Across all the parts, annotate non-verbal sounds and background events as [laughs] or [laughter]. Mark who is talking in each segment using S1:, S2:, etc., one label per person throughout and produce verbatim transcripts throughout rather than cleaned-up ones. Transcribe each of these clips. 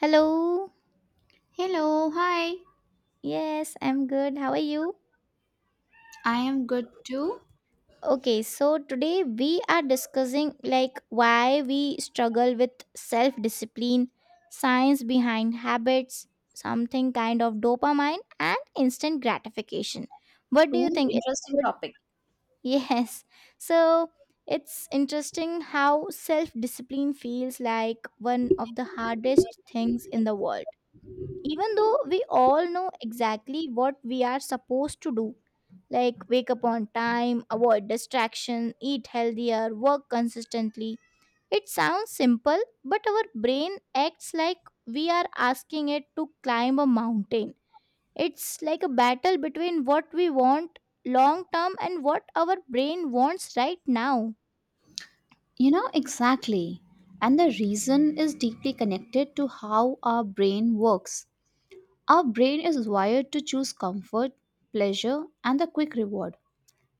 S1: Hello.
S2: Hello, hi.
S1: Yes, I'm good. How are you?
S2: I am good too.
S1: Okay, so today we are discussing like why we struggle with self discipline, science behind habits, something kind of dopamine, and instant gratification. What do you
S2: Ooh,
S1: think? It's
S2: interesting
S1: good?
S2: topic.
S1: [laughs] Yes. So it's interesting how self discipline feels like one of the hardest things in the world, even though we all know exactly what we are supposed to do, like wake up on time, avoid distraction, eat healthier, work consistently. It sounds simple, but our brain acts like we are asking it to climb a mountain. It's like a battle between what we want long term and what our brain wants right now.
S2: You know, exactly. And the reason is deeply connected to how our brain works. Our brain is wired to choose comfort, pleasure, and the quick reward.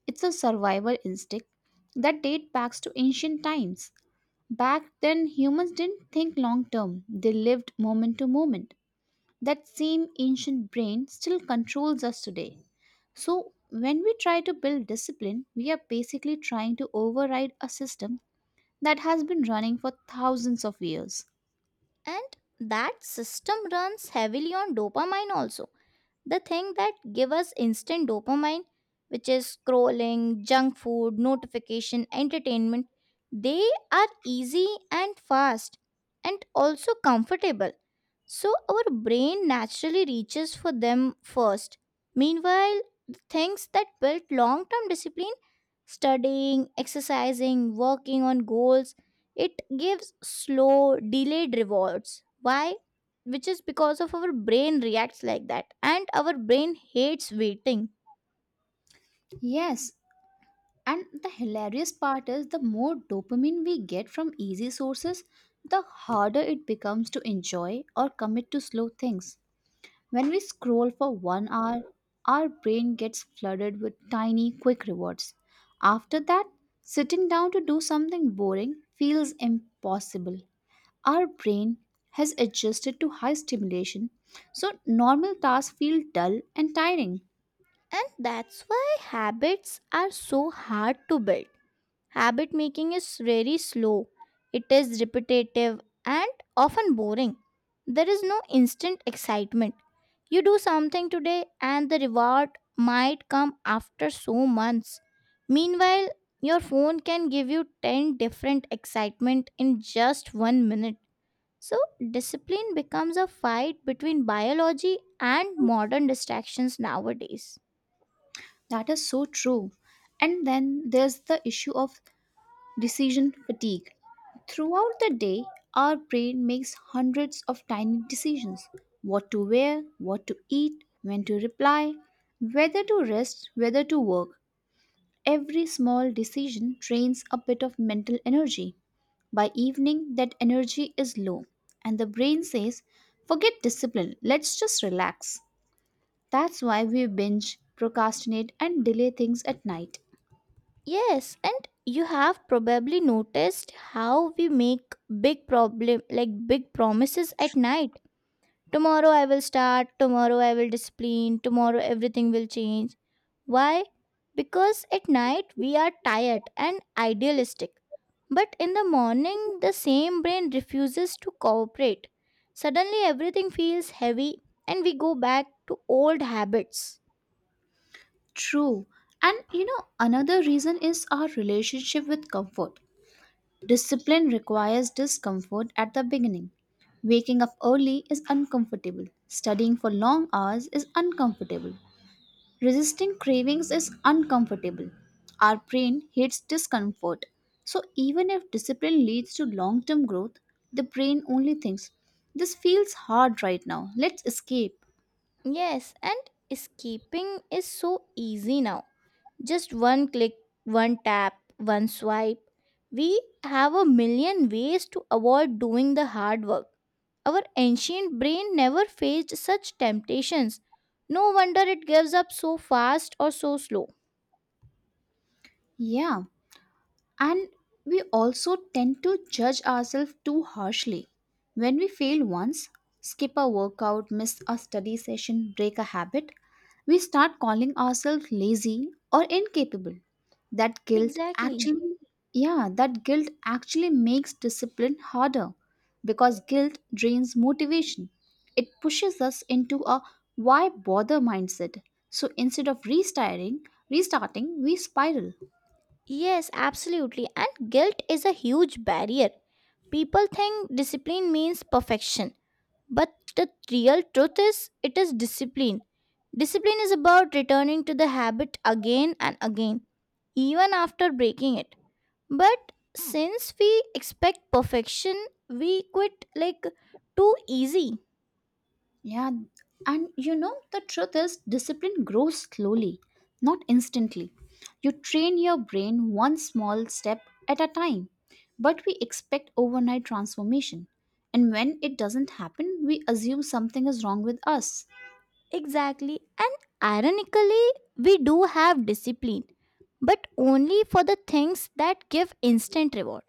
S2: It's a survival instinct that dates back to ancient times. Back then, humans didn't think long term, they lived moment to moment. That same ancient brain still controls us today. So, when we try to build discipline, we are basically trying to override a system that has been running for thousands of years.
S1: And that system runs heavily on dopamine also, the thing that give us instant dopamine, which is scrolling, junk food, notification, entertainment. They are easy and fast, and also comfortable, so our brain naturally reaches for them first. Meanwhile, the things that built long term discipline, studying, exercising, working on goals, it gives slow, delayed rewards. Why? Which is because of our brain reacts like that, and our brain hates waiting.
S2: Yes, and the hilarious part is the more dopamine we get from easy sources, the harder it becomes to enjoy or commit to slow things. When we scroll for one hour, our brain gets flooded with tiny, quick rewards. After that, sitting down to do something boring feels impossible. Our brain has adjusted to high stimulation, so normal tasks feel dull and tiring.
S1: And that's why habits are so hard to build. Habit making is very slow, it is repetitive and often boring. There is no instant excitement. You do something today, and the reward might come after so months. Meanwhile, your phone can give you ten different excitement in just one minute. So, discipline becomes a fight between biology and modern distractions nowadays.
S2: That is so true. And then there's the issue of decision fatigue. Throughout the day, our brain makes hundreds of tiny decisions: what to wear, what to eat, when to reply, whether to rest, whether to work. Every small decision drains a bit of mental energy. By evening, that energy is low, and the brain says, "Forget discipline, let's just relax." That's why we binge, procrastinate, and delay things at night.
S1: Yes, and you have probably noticed how we make big problem like big promises at night. Tomorrow I will start, tomorrow I will discipline, tomorrow everything will change. Why? Because at night we are tired and idealistic. But in the morning the same brain refuses to cooperate. Suddenly everything feels heavy and we go back to old habits.
S2: True. And you know, another reason is our relationship with comfort. Discipline requires discomfort at the beginning. Waking up early is uncomfortable. Studying for long hours is uncomfortable. Resisting cravings is uncomfortable. Our brain hates discomfort. So, even if discipline leads to long term growth, the brain only thinks, "This feels hard right now. Let's escape."
S1: Yes, and escaping is so easy now. Just one click, one tap, one swipe. We have a million ways to avoid doing the hard work. Our ancient brain never faced such temptations. No wonder it gives up so fast or so slow.
S2: Yeah, And we also tend to judge ourselves too harshly. When we fail once, skip a workout, miss a study session, break a habit, we start calling ourselves lazy or incapable. That guilt
S1: Exactly.
S2: actually, yeah, that guilt actually makes discipline harder because guilt drains motivation. It pushes us into a "why bother" mindset. So instead of restarting, restarting, we spiral.
S1: Yes, absolutely. And guilt is a huge barrier. People think discipline means perfection, but the real truth is, it is discipline discipline is about returning to the habit again and again, even after breaking it. But since we expect perfection, we quit like too easy.
S2: Yeah, and you know, the truth is, discipline grows slowly, not instantly. You train your brain one small step at a time, but we expect overnight transformation. And when it doesn't happen, we assume something is wrong with us.
S1: Exactly. And ironically, we do have discipline, but only for the things that give instant reward.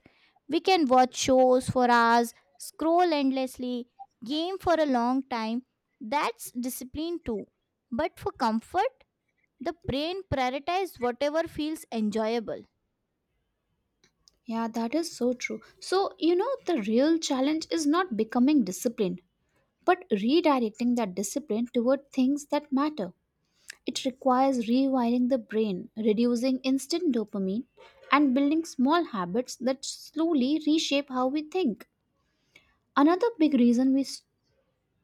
S1: We can watch shows for hours, scroll endlessly, game for a long time. That's discipline too. But for comfort, the brain prioritizes whatever feels enjoyable.
S2: Yeah, that is so true. So, you know, the real challenge is not becoming disciplined, but redirecting that discipline toward things that matter. It requires rewiring the brain, reducing instant dopamine, and building small habits that slowly reshape how we think. Another big reason we. S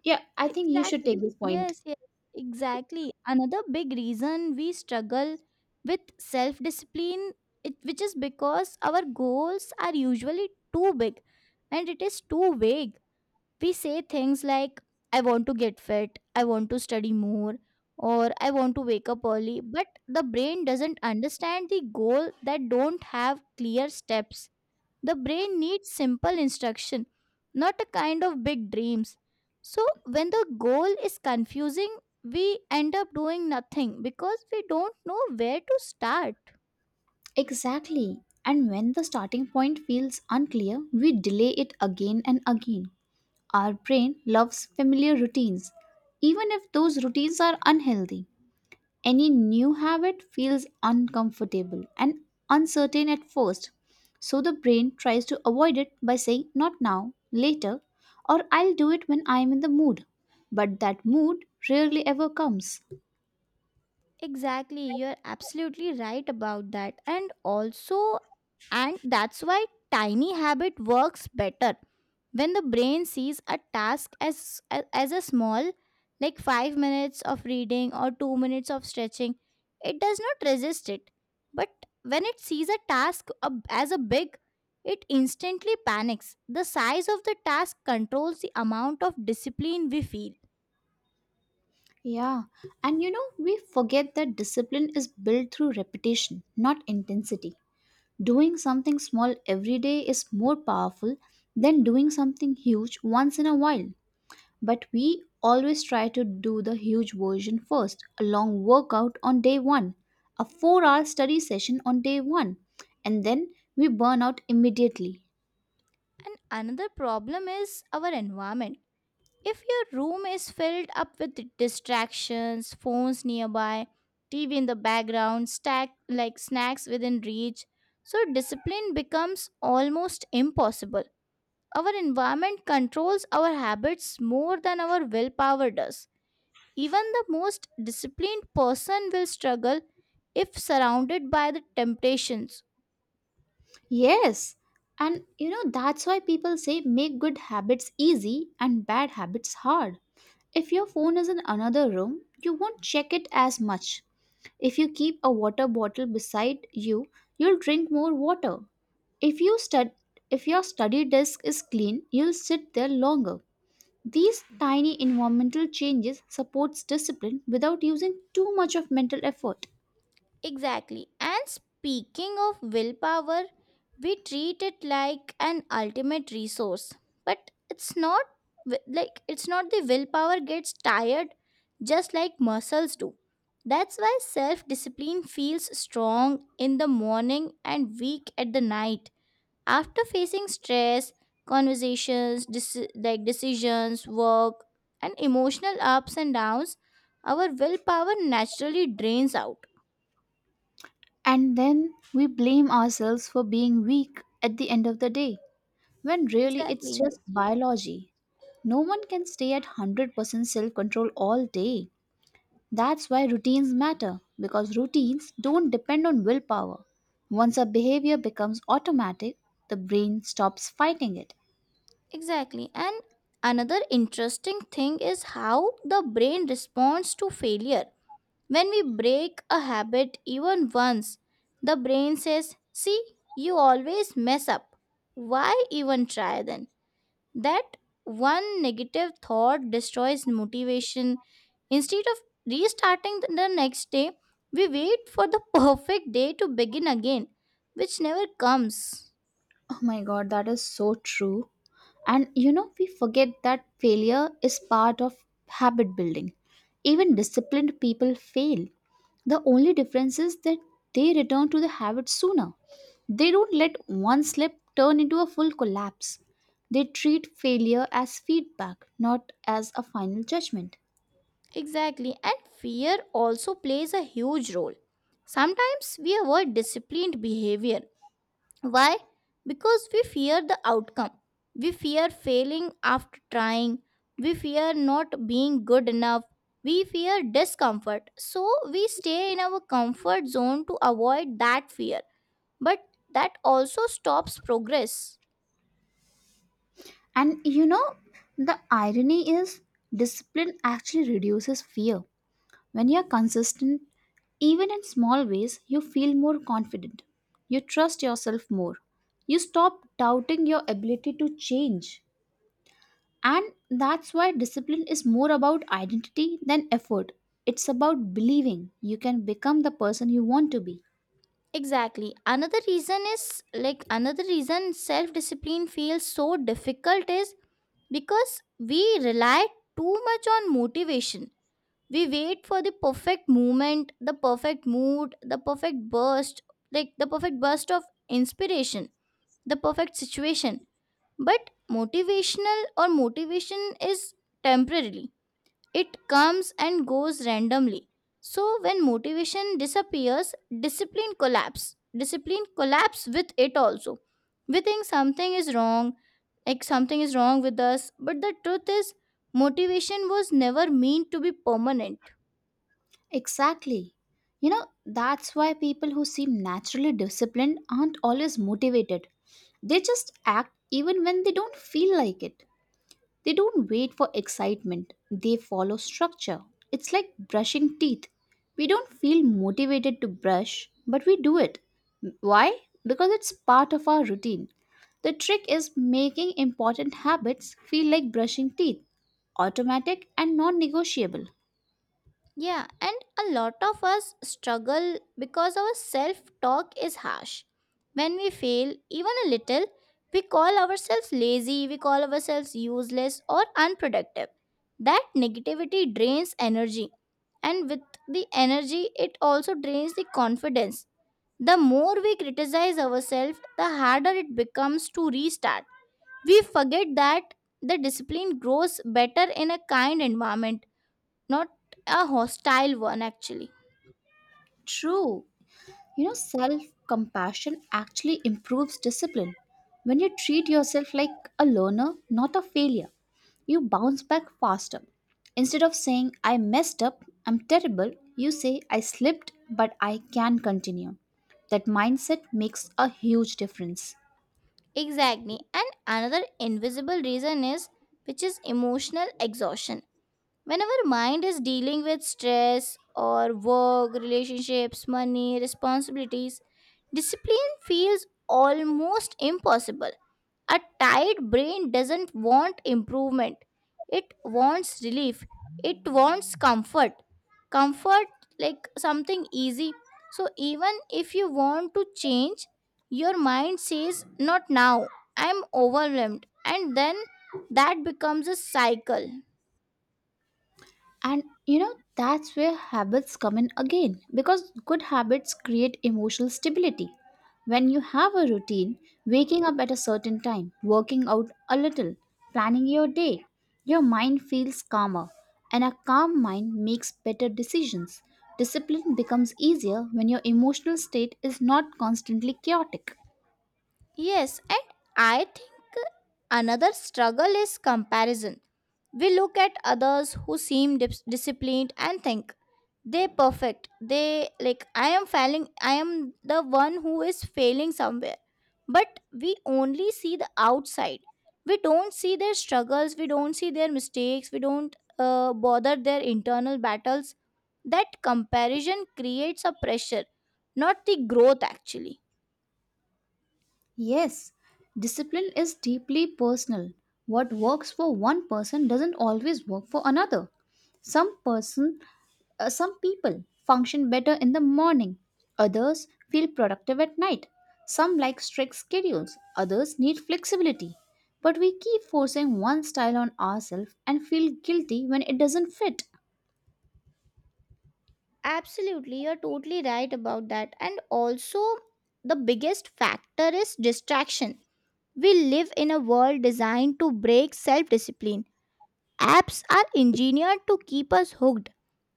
S2: Yeah, I think you should take
S1: Exactly.
S2: this point.
S1: Yes, yes, exactly. Another big reason we struggle with self discipline, it which is because our goals are usually too big and it is too vague. We say things like, I want to get fit, I want to study more, or I want to wake up early, but the brain doesn't understand the goal that don't have clear steps. The brain needs simple instruction, not a kind of big dreams. So, when the goal is confusing, we end up doing nothing because we don't know where to start.
S2: Exactly. And when the starting point feels unclear, we delay it again and again. Our brain loves familiar routines, even if those routines are unhealthy. Any new habit feels uncomfortable and uncertain at first, so the brain tries to avoid it by saying, "Not now, later," or "I'll do it when I'm in the mood." But that mood rarely ever comes.
S1: Exactly, you're absolutely right about that. And also, and that's why tiny habit works better. When the brain sees a task as as a small, like five minutes of reading or two minutes of stretching, it does not resist it. But when it sees a task ab- as a big, it instantly panics. The size of the task controls the amount of discipline we feel.
S2: Yeah, and you know, we forget that discipline is built through repetition, not intensity. Doing something small every day is more powerful than doing something huge once in a while. But we always try to do the huge version first: a long workout on day one, a four hour study session on day one, and then we burn out immediately.
S1: And another problem is our environment. If your room is filled up with distractions, phones nearby, T V in the background, stack like snacks within reach, so discipline becomes almost impossible. Our environment controls our habits more than our willpower does. Even the most disciplined person will struggle if surrounded by the temptations.
S2: Yes, and you know, that's why people say make good habits easy and bad habits hard. If your phone is in another room, you won't check it as much. If you keep a water bottle beside you, you'll drink more water. If you stud- if your study desk is clean, you'll sit there longer. These tiny environmental changes supports discipline without using too much of mental effort.
S1: Exactly. And speaking of willpower, we treat it like an ultimate resource. But it's not wi- like it's not the willpower gets tired just like muscles do. That's why self discipline feels strong in the morning and weak at the night. After facing stress, conversations, deci- like decisions, work, and emotional ups and downs, our willpower naturally drains out.
S2: And then we blame ourselves for being weak at the end of the day, when really it's
S1: Exactly.
S2: just biology. No one can stay at one hundred percent self control all day. That's why routines matter, because routines don't depend on willpower. Once a behavior becomes automatic, the brain stops fighting it.
S1: Exactly. And another interesting thing is how the brain responds to failure. When we break a habit even once, the brain says, see, you always mess up. Why even try then? That one negative thought destroys motivation. Instead of restarting the the next day, we wait for the [laughs] perfect day to begin again, which never comes.
S2: Oh my god, that is so true. And you know, we forget that failure is part of habit building. Even disciplined people fail. The only difference is that they return to the habit sooner. They don't let one slip turn into a full collapse. They treat failure as feedback, not as a final judgment.
S1: Exactly, and fear also plays a huge role. Sometimes we avoid disciplined behavior. Why? Because we fear the outcome. We fear failing after trying. We fear not being good enough. We fear discomfort. So we stay in our comfort zone to avoid that fear. But that also stops progress.
S2: And you know, the irony is discipline actually reduces fear. When you're consistent, even in small ways, you feel more confident. You trust yourself more. You stop doubting your ability to change. And that's why discipline is more about identity than effort. It's about believing you can become the person you want to be.
S1: Exactly. Another reason is like another reason self discipline feels so difficult is because we rely too much on motivation. We wait for the perfect moment, the perfect mood, the perfect burst, like the perfect burst of inspiration, the perfect situation. But motivational or motivation is temporarily. It comes and goes randomly. So when motivation disappears, discipline collapse. Discipline collapse with it also. We think something is wrong, like something is wrong with us, but the truth is motivation was never meant to be permanent.
S2: Exactly. You know, that's why people who seem naturally disciplined aren't always motivated. They just act even when they don't feel like it. They don't wait for excitement, they follow structure. It's like brushing teeth. We don't feel motivated to brush, but we do it. Why? Because it's part of our routine. The trick is making important habits feel like brushing teeth, automatic and non negotiable.
S1: Yeah, and a lot of us struggle because our self talk is harsh. When we fail, even a little, we call ourselves lazy, we call ourselves useless or unproductive. That negativity drains energy, and with the energy, it also drains the confidence. The more we criticize ourselves, the harder it becomes to restart. We forget that the discipline grows better in a kind environment, not a hostile one actually.
S2: True. You know, self compassion actually improves discipline. When you treat yourself like a learner, not a failure, you bounce back faster. Instead of saying, "I messed up, I'm terrible," you say, "I slipped, but I can continue." That mindset makes a huge difference.
S1: Exactly. And another invisible reason is which is emotional exhaustion. When our mind is dealing with stress or work, relationships, money, responsibilities, discipline feels almost impossible. A tired brain doesn't want improvement, it wants relief, it wants comfort comfort like something easy. So even if you want to change, your mind says, not now, I'm overwhelmed, and then that becomes a cycle.
S2: And you know, that's where habits come in again because good habits create emotional stability. When you have a routine, waking up at a certain time, working out a little, planning your day, your mind feels calmer. And a calm mind makes better decisions. Discipline becomes easier when your emotional state is not constantly chaotic.
S1: Yes, and I think another struggle is comparison. We look at others who seem dis- disciplined and think they perfect. They, like, I am failing. I am the one who is failing somewhere. But we only see the outside. We don't see their struggles. We don't see their mistakes. We don't uh, bother their internal battles. That comparison creates a pressure, not the growth actually.
S2: Yes, discipline is deeply personal. What works for one person doesn't always work for another. Some person, uh, some people function better in the morning. Others feel productive at night. Some like strict schedules. Others need flexibility. But we keep forcing one style on ourselves and feel guilty when it doesn't fit.
S1: Absolutely, you're totally right about that. And also, the biggest factor is distraction. We live in a world designed to break self discipline. Apps are engineered to keep us hooked,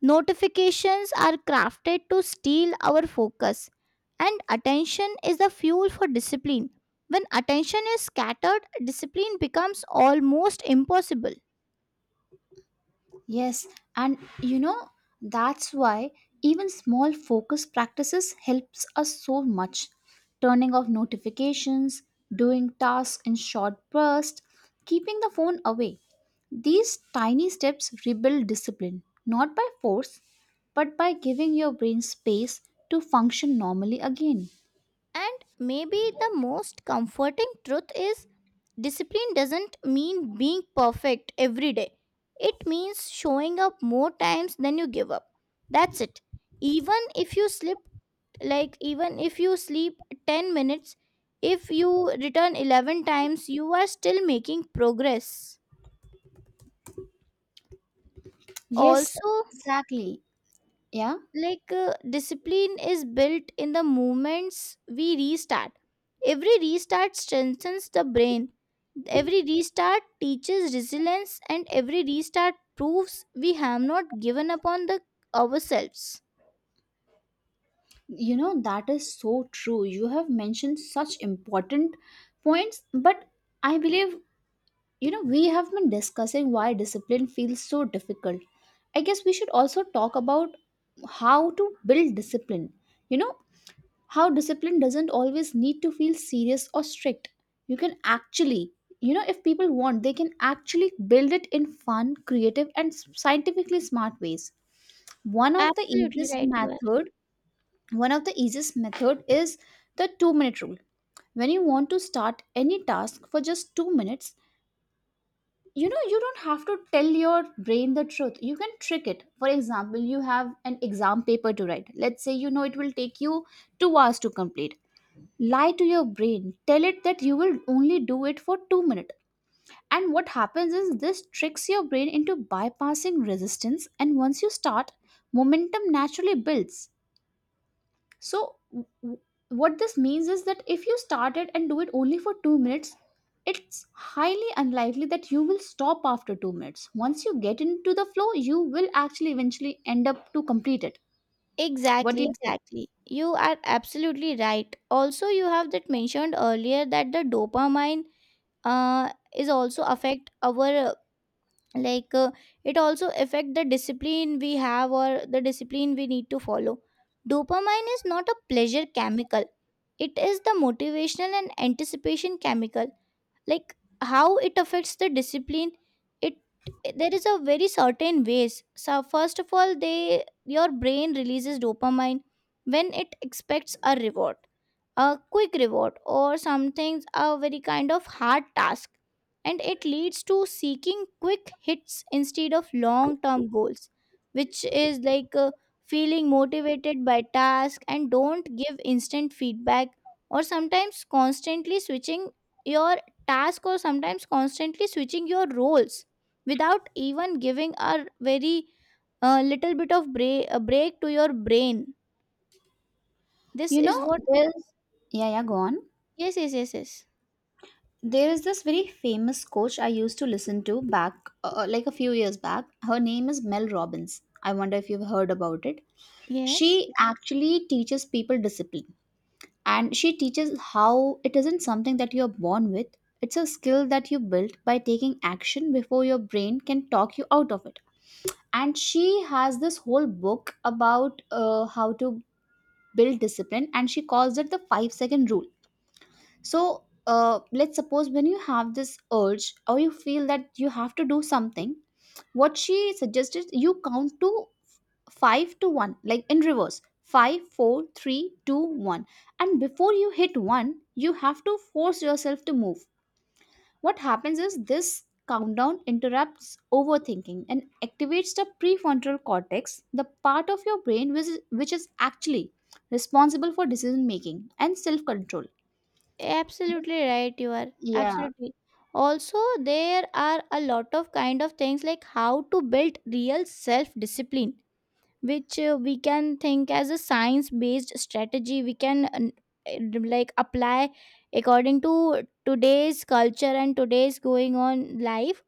S1: notifications are crafted to steal our focus, and attention is the fuel for discipline. When attention is scattered, discipline becomes almost impossible.
S2: Yes, and you know, that's why even small focus practices helps us so much. Turning off notifications, doing tasks in short bursts, keeping the phone away. These tiny steps rebuild discipline, not by force, but by giving your brain space to function normally again.
S1: And maybe the most comforting truth is, discipline doesn't mean being perfect every day. It means showing up more times than you give up. That's it. Even if you slip, like, even if you sleep ten minutes, if you return eleven times, you are still making progress.
S2: Yes,
S1: Also,
S2: exactly. Yeah.
S1: like, uh, discipline is built in the moments we restart. Every restart strengthens the brain, every restart teaches resilience, and every restart proves we have not given up on the ourselves.
S2: You know, that is so true. You have mentioned such important points, but I believe, you know, we have been discussing why discipline feels so difficult. I guess we should also talk about how to build discipline. You know, how discipline doesn't always need to feel serious or strict. You can actually, you know, if people want, they can actually build it in fun, creative, and scientifically smart ways. One of the
S1: Absolutely
S2: easiest
S1: right, you are.
S2: method one of the easiest method is the two minute rule. When you want to start any task for just two minutes, you know, you don't have to tell your brain the truth, you can trick it. For example, you have an exam paper to write. Let's say, you know, it will take you two hours to complete. Lie to your brain. Tell it that you will only do it for two minutes. And what happens is this tricks your brain into bypassing resistance, and once you start, momentum naturally builds. So, w- w- what this means is that if you start it and do it only for two minutes, it's highly unlikely that you will stop after two minutes. Once you get into the flow, you will actually eventually end up to complete it. What do
S1: Exactly,
S2: you think?
S1: exactly, you are absolutely right. Also, you have that mentioned earlier that the dopamine, uh, is also affect our, like, uh, it also affect the discipline we have or the discipline we need to follow. Dopamine is not a pleasure chemical, it is the motivational and anticipation chemical. Like, how it affects the discipline, it there is a very certain ways. So first of all, they your brain releases dopamine when it expects a reward, a quick reward, or something, a very kind of hard task. And it leads to seeking quick hits instead of long term goals, which is like, uh, feeling motivated by task and don't give instant feedback, or sometimes constantly switching your task, or sometimes constantly switching your roles without even giving a very, uh, little bit of break, a break to your brain. This
S2: You
S1: is
S2: know,
S1: what.
S2: there's Yeah, yeah, go on.
S1: Yes, yes, yes, yes,
S2: There is this very famous coach I used to listen to back, uh, like a few years back. Her name is Mel Robbins. I wonder if you've heard about it.
S1: yes.
S2: She actually teaches people discipline. And she teaches how it isn't something that you're born with, it's a skill that you build by taking action before your brain can talk you out of it. And she has this whole book about uh, how to build discipline, and she calls it the five second rule. So, uh, let's suppose when you have this urge or you feel that you have to do something, what she suggested, you count to five to one, like in reverse. Five, four, three, two, one. And before you hit one, you have to force yourself to move. What happens is this countdown interrupts overthinking and activates the prefrontal cortex, the part of your brain which is, which is actually responsible for decision making and self control.
S1: Absolutely right, you are,
S2: Yeah,
S1: absolutely. Also, there are a lot of kind of things like how to build real self discipline, which, uh, we can think as a science based strategy. We can, uh, like apply according to today's culture and today's going on life.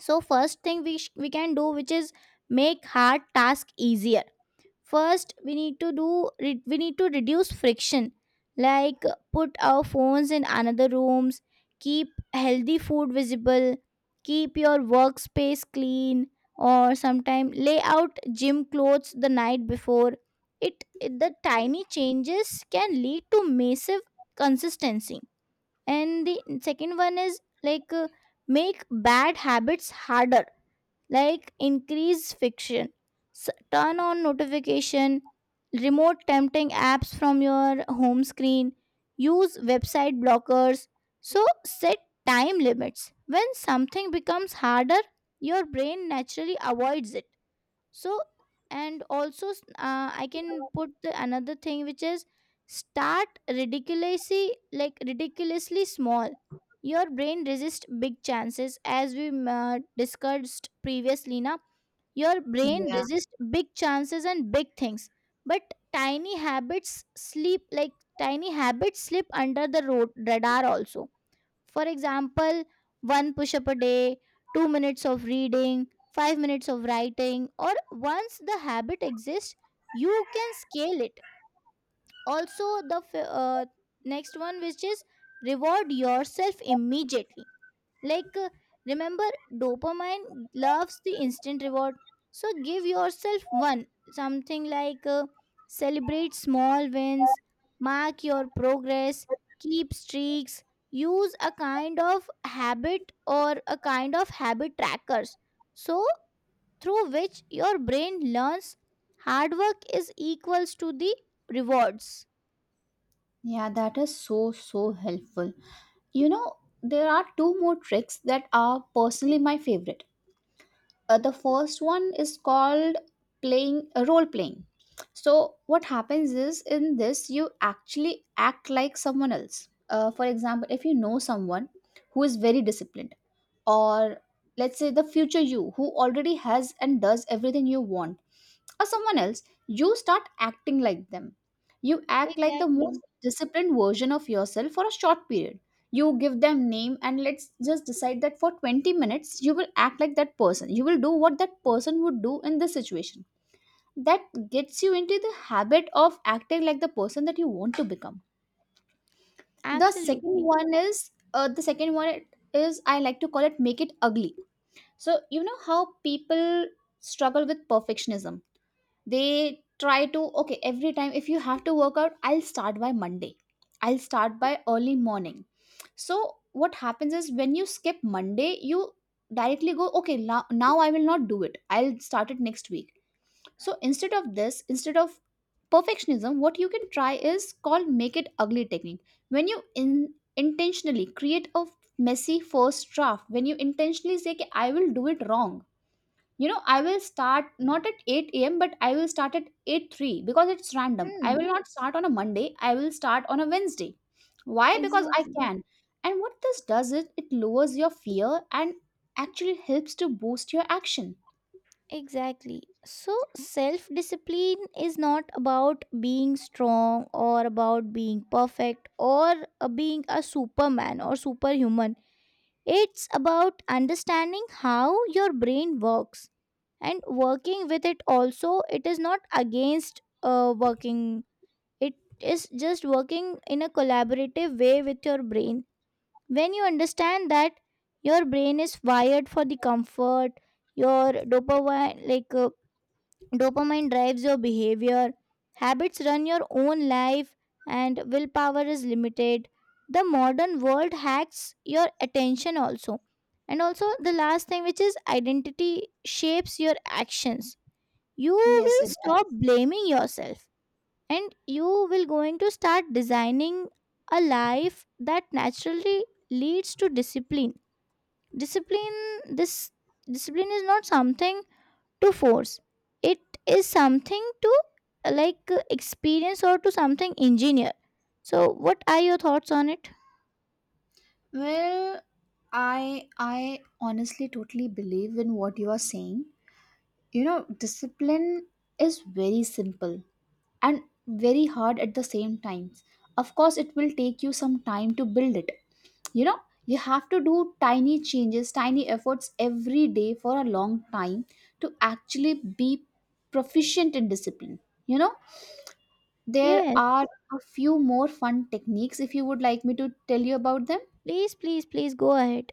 S1: So, first thing we sh- we can do, which is make hard task easier. First we need to do re- we need to reduce friction, like put our phones in another rooms, keep healthy food visible, keep your workspace clean, or sometime lay out gym clothes the night before. It, it the tiny changes can lead to massive consistency. And the second one is, like, uh, make bad habits harder, like increase fiction, S- turn on notification, remote tempting apps from your home screen, use website blockers. So set time limits. When something becomes harder, your brain naturally avoids it. so and also s- uh, I can put the another thing, which is start ridiculously like ridiculously small. Your brain resists big chances, as we m- uh, discussed previously. Now Your brain
S2: yeah,
S1: resists big chances and big things, but tiny habits sleep like tiny habits slip under the road radar also. For example, one push up a day, two minutes of reading, five minutes of writing. Or once the habit exists, you can scale it. Also, the f- uh, next one, which is reward yourself immediately. like, uh, Remember, dopamine loves the instant reward. So, give yourself one. Something like uh, celebrate small wins, mark your progress, keep streaks, use a kind of habit, or a kind of habit trackers. So, through which your brain learns hard work is equals to the rewards.
S2: yeah, that is so so helpful. You know, there are two more tricks that are personally my favorite. Uh, the first one is called playing uh, role playing. So what happens is in this you actually act like someone else. Uh, for example, if you know someone who is very disciplined, or let's say the future you who already has and does everything you want, or someone else, you start acting like them. You act like the most
S1: Exactly.
S2: disciplined version of yourself for a short period. You give them name, and let's just decide that for twenty minutes you will act like that person. You will do what that person would do in this situation. That gets you into the habit of acting like the person that you want to become. The second
S1: Absolutely.
S2: one is uh, the second one is I like to call it make it ugly. So you know how people struggle with perfectionism. They try to, okay, every time if you have to work out, I'll start by Monday, I'll start by early morning. So what happens is when you skip Monday, you directly go, okay, now, now I will not do it, I'll start it next week. So instead of this instead of perfectionism, what you can try is called make it ugly technique. When you in, intentionally create a messy first draft, when you intentionally say, "Okay, I will do it wrong, you know, I will start not at eight a m but I will start at 8 3 because it's random. I will
S1: Hmm.
S2: not start on a Monday, I will start on a Wednesday. Why? Because I
S1: Exactly.
S2: can." And what this does is it lowers your fear and actually helps to boost your action.
S1: Exactly. So, self discipline is not about being strong or about being perfect or uh, being a superman or superhuman. It's about understanding how your brain works and working with it also. It is not against uh, working, it is just working in a collaborative way with your brain. When you understand that your brain is wired for the comfort, your dopamine, like uh, dopamine drives your behavior, habits run your own life, and willpower is limited. The modern world hacks your attention also. And also, the last thing, which is identity shapes your actions. You
S2: Yes,
S1: will
S2: it
S1: stop
S2: does.
S1: blaming yourself and you will going to start designing a life that naturally leads to discipline. Discipline this Discipline is not something to force, it is something to uh, like uh, experience or to something engineer. So what are your thoughts on it?
S2: Well, i i honestly totally believe in what you are saying. You know, discipline is very simple and very hard at the same times. Of course it will take you some time to build it. You know, you have to do tiny changes, tiny efforts every day for a long time to actually be proficient in discipline. You know, there
S1: Yes,
S2: are a few more fun techniques if you would like me to tell you about them.
S1: please, please, please go ahead.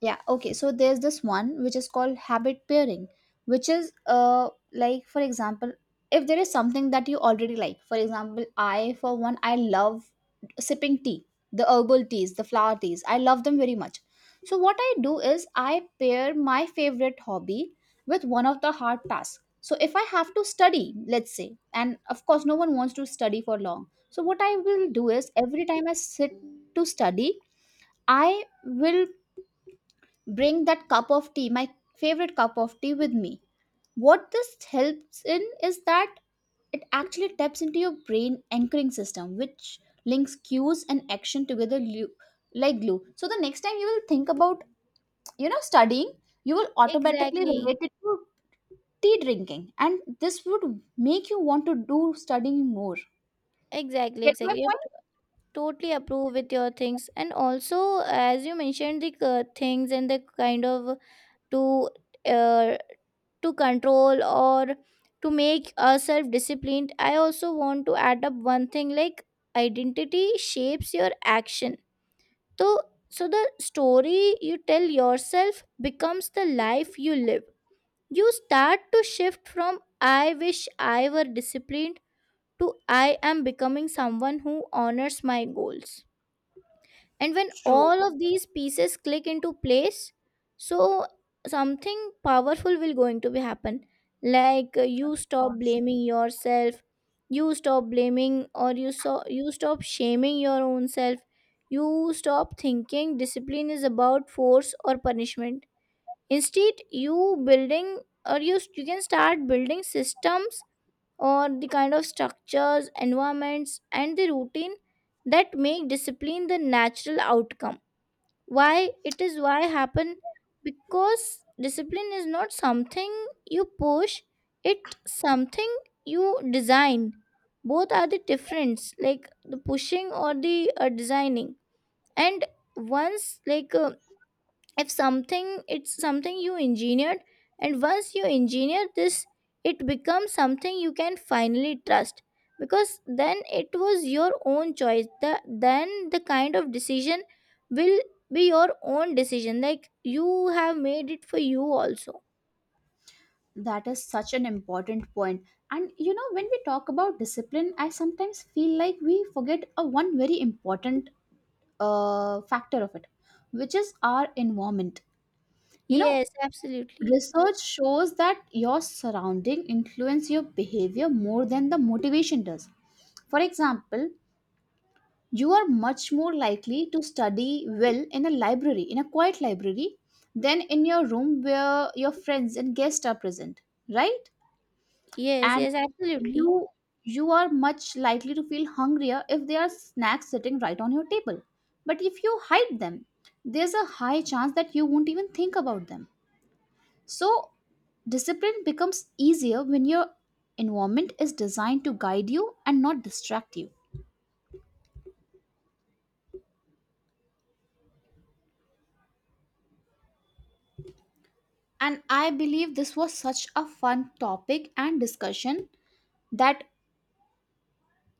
S2: Yeah, okay, so there's this one which is called habit pairing, which is uh like, for example, if there is something that you already like. For example, I, for one, I love sipping tea, the herbal teas, the flower teas. I love them very much. So what I do is I pair my favorite hobby with one of the hard tasks. So if I have to study, let's say, and of course no one wants to study for long. So what I will do is every time I sit to study, I will bring that cup of tea, my favorite cup of tea with me. What this helps in is that it actually taps into your brain anchoring system, which links cues and action together lu- like glue. So the next time you will think about, you know, studying, you will automatically
S1: Exactly,
S2: relate it to tea drinking, and this would make you want to do studying more.
S1: exactly,
S2: Get my
S1: exactly. I
S2: point?
S1: t- totally approve with your things, and also as you mentioned the uh, things and the kind of to uh, to control or to make ourselves disciplined. I also want to add up one thing like identity shapes your action. So so the story you tell yourself becomes the life you live. You start to shift from "I wish I were disciplined" to "I am becoming someone who honors my goals." And when
S2: True. Of
S1: all of these pieces click into place, so something powerful will going to be happen. Like uh, you stop
S2: course.
S1: blaming yourself, you stop blaming or you so you stop shaming your own self. You stop thinking discipline is about force or punishment. Instead, you building, or you, you can start building systems, or the kind of structures, environments and the routine that make discipline the natural outcome. Why it is, why happen? Because discipline is not something you push, it something you design. Both are the difference, like the pushing or the uh, designing. And once like uh, if something, it's something you engineered. And once you engineer this, it becomes something you can finally trust, because then it was your own choice. The then the kind of decision will be your own decision, like you have made it for you also.
S2: That is such an important point. And you know, when we talk about discipline, I sometimes feel like we forget a one very important uh, factor of it, which is our environment. You know,
S1: Yes, absolutely.
S2: research shows that your surrounding influence your behavior more than the motivation does. For example, you are much more likely to study well in a library, in a quiet library, than in your room where your friends and guests are present, right?
S1: Yes,
S2: And
S1: yes, absolutely.
S2: you you are much likely to feel hungrier if there are snacks sitting right on your table. But if you hide them, there's a high chance that you won't even think about them. So, discipline becomes easier when your environment is designed to guide you and not distract you. And I believe this was such a fun topic and discussion that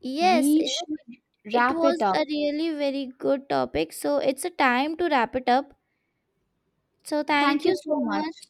S1: Yes,
S2: we
S1: it
S2: should
S1: it
S2: wrap it
S1: was
S2: up.
S1: a really very good topic, so it's a time to wrap it up. So
S2: Thank
S1: thank you
S2: you
S1: so
S2: so much.
S1: much.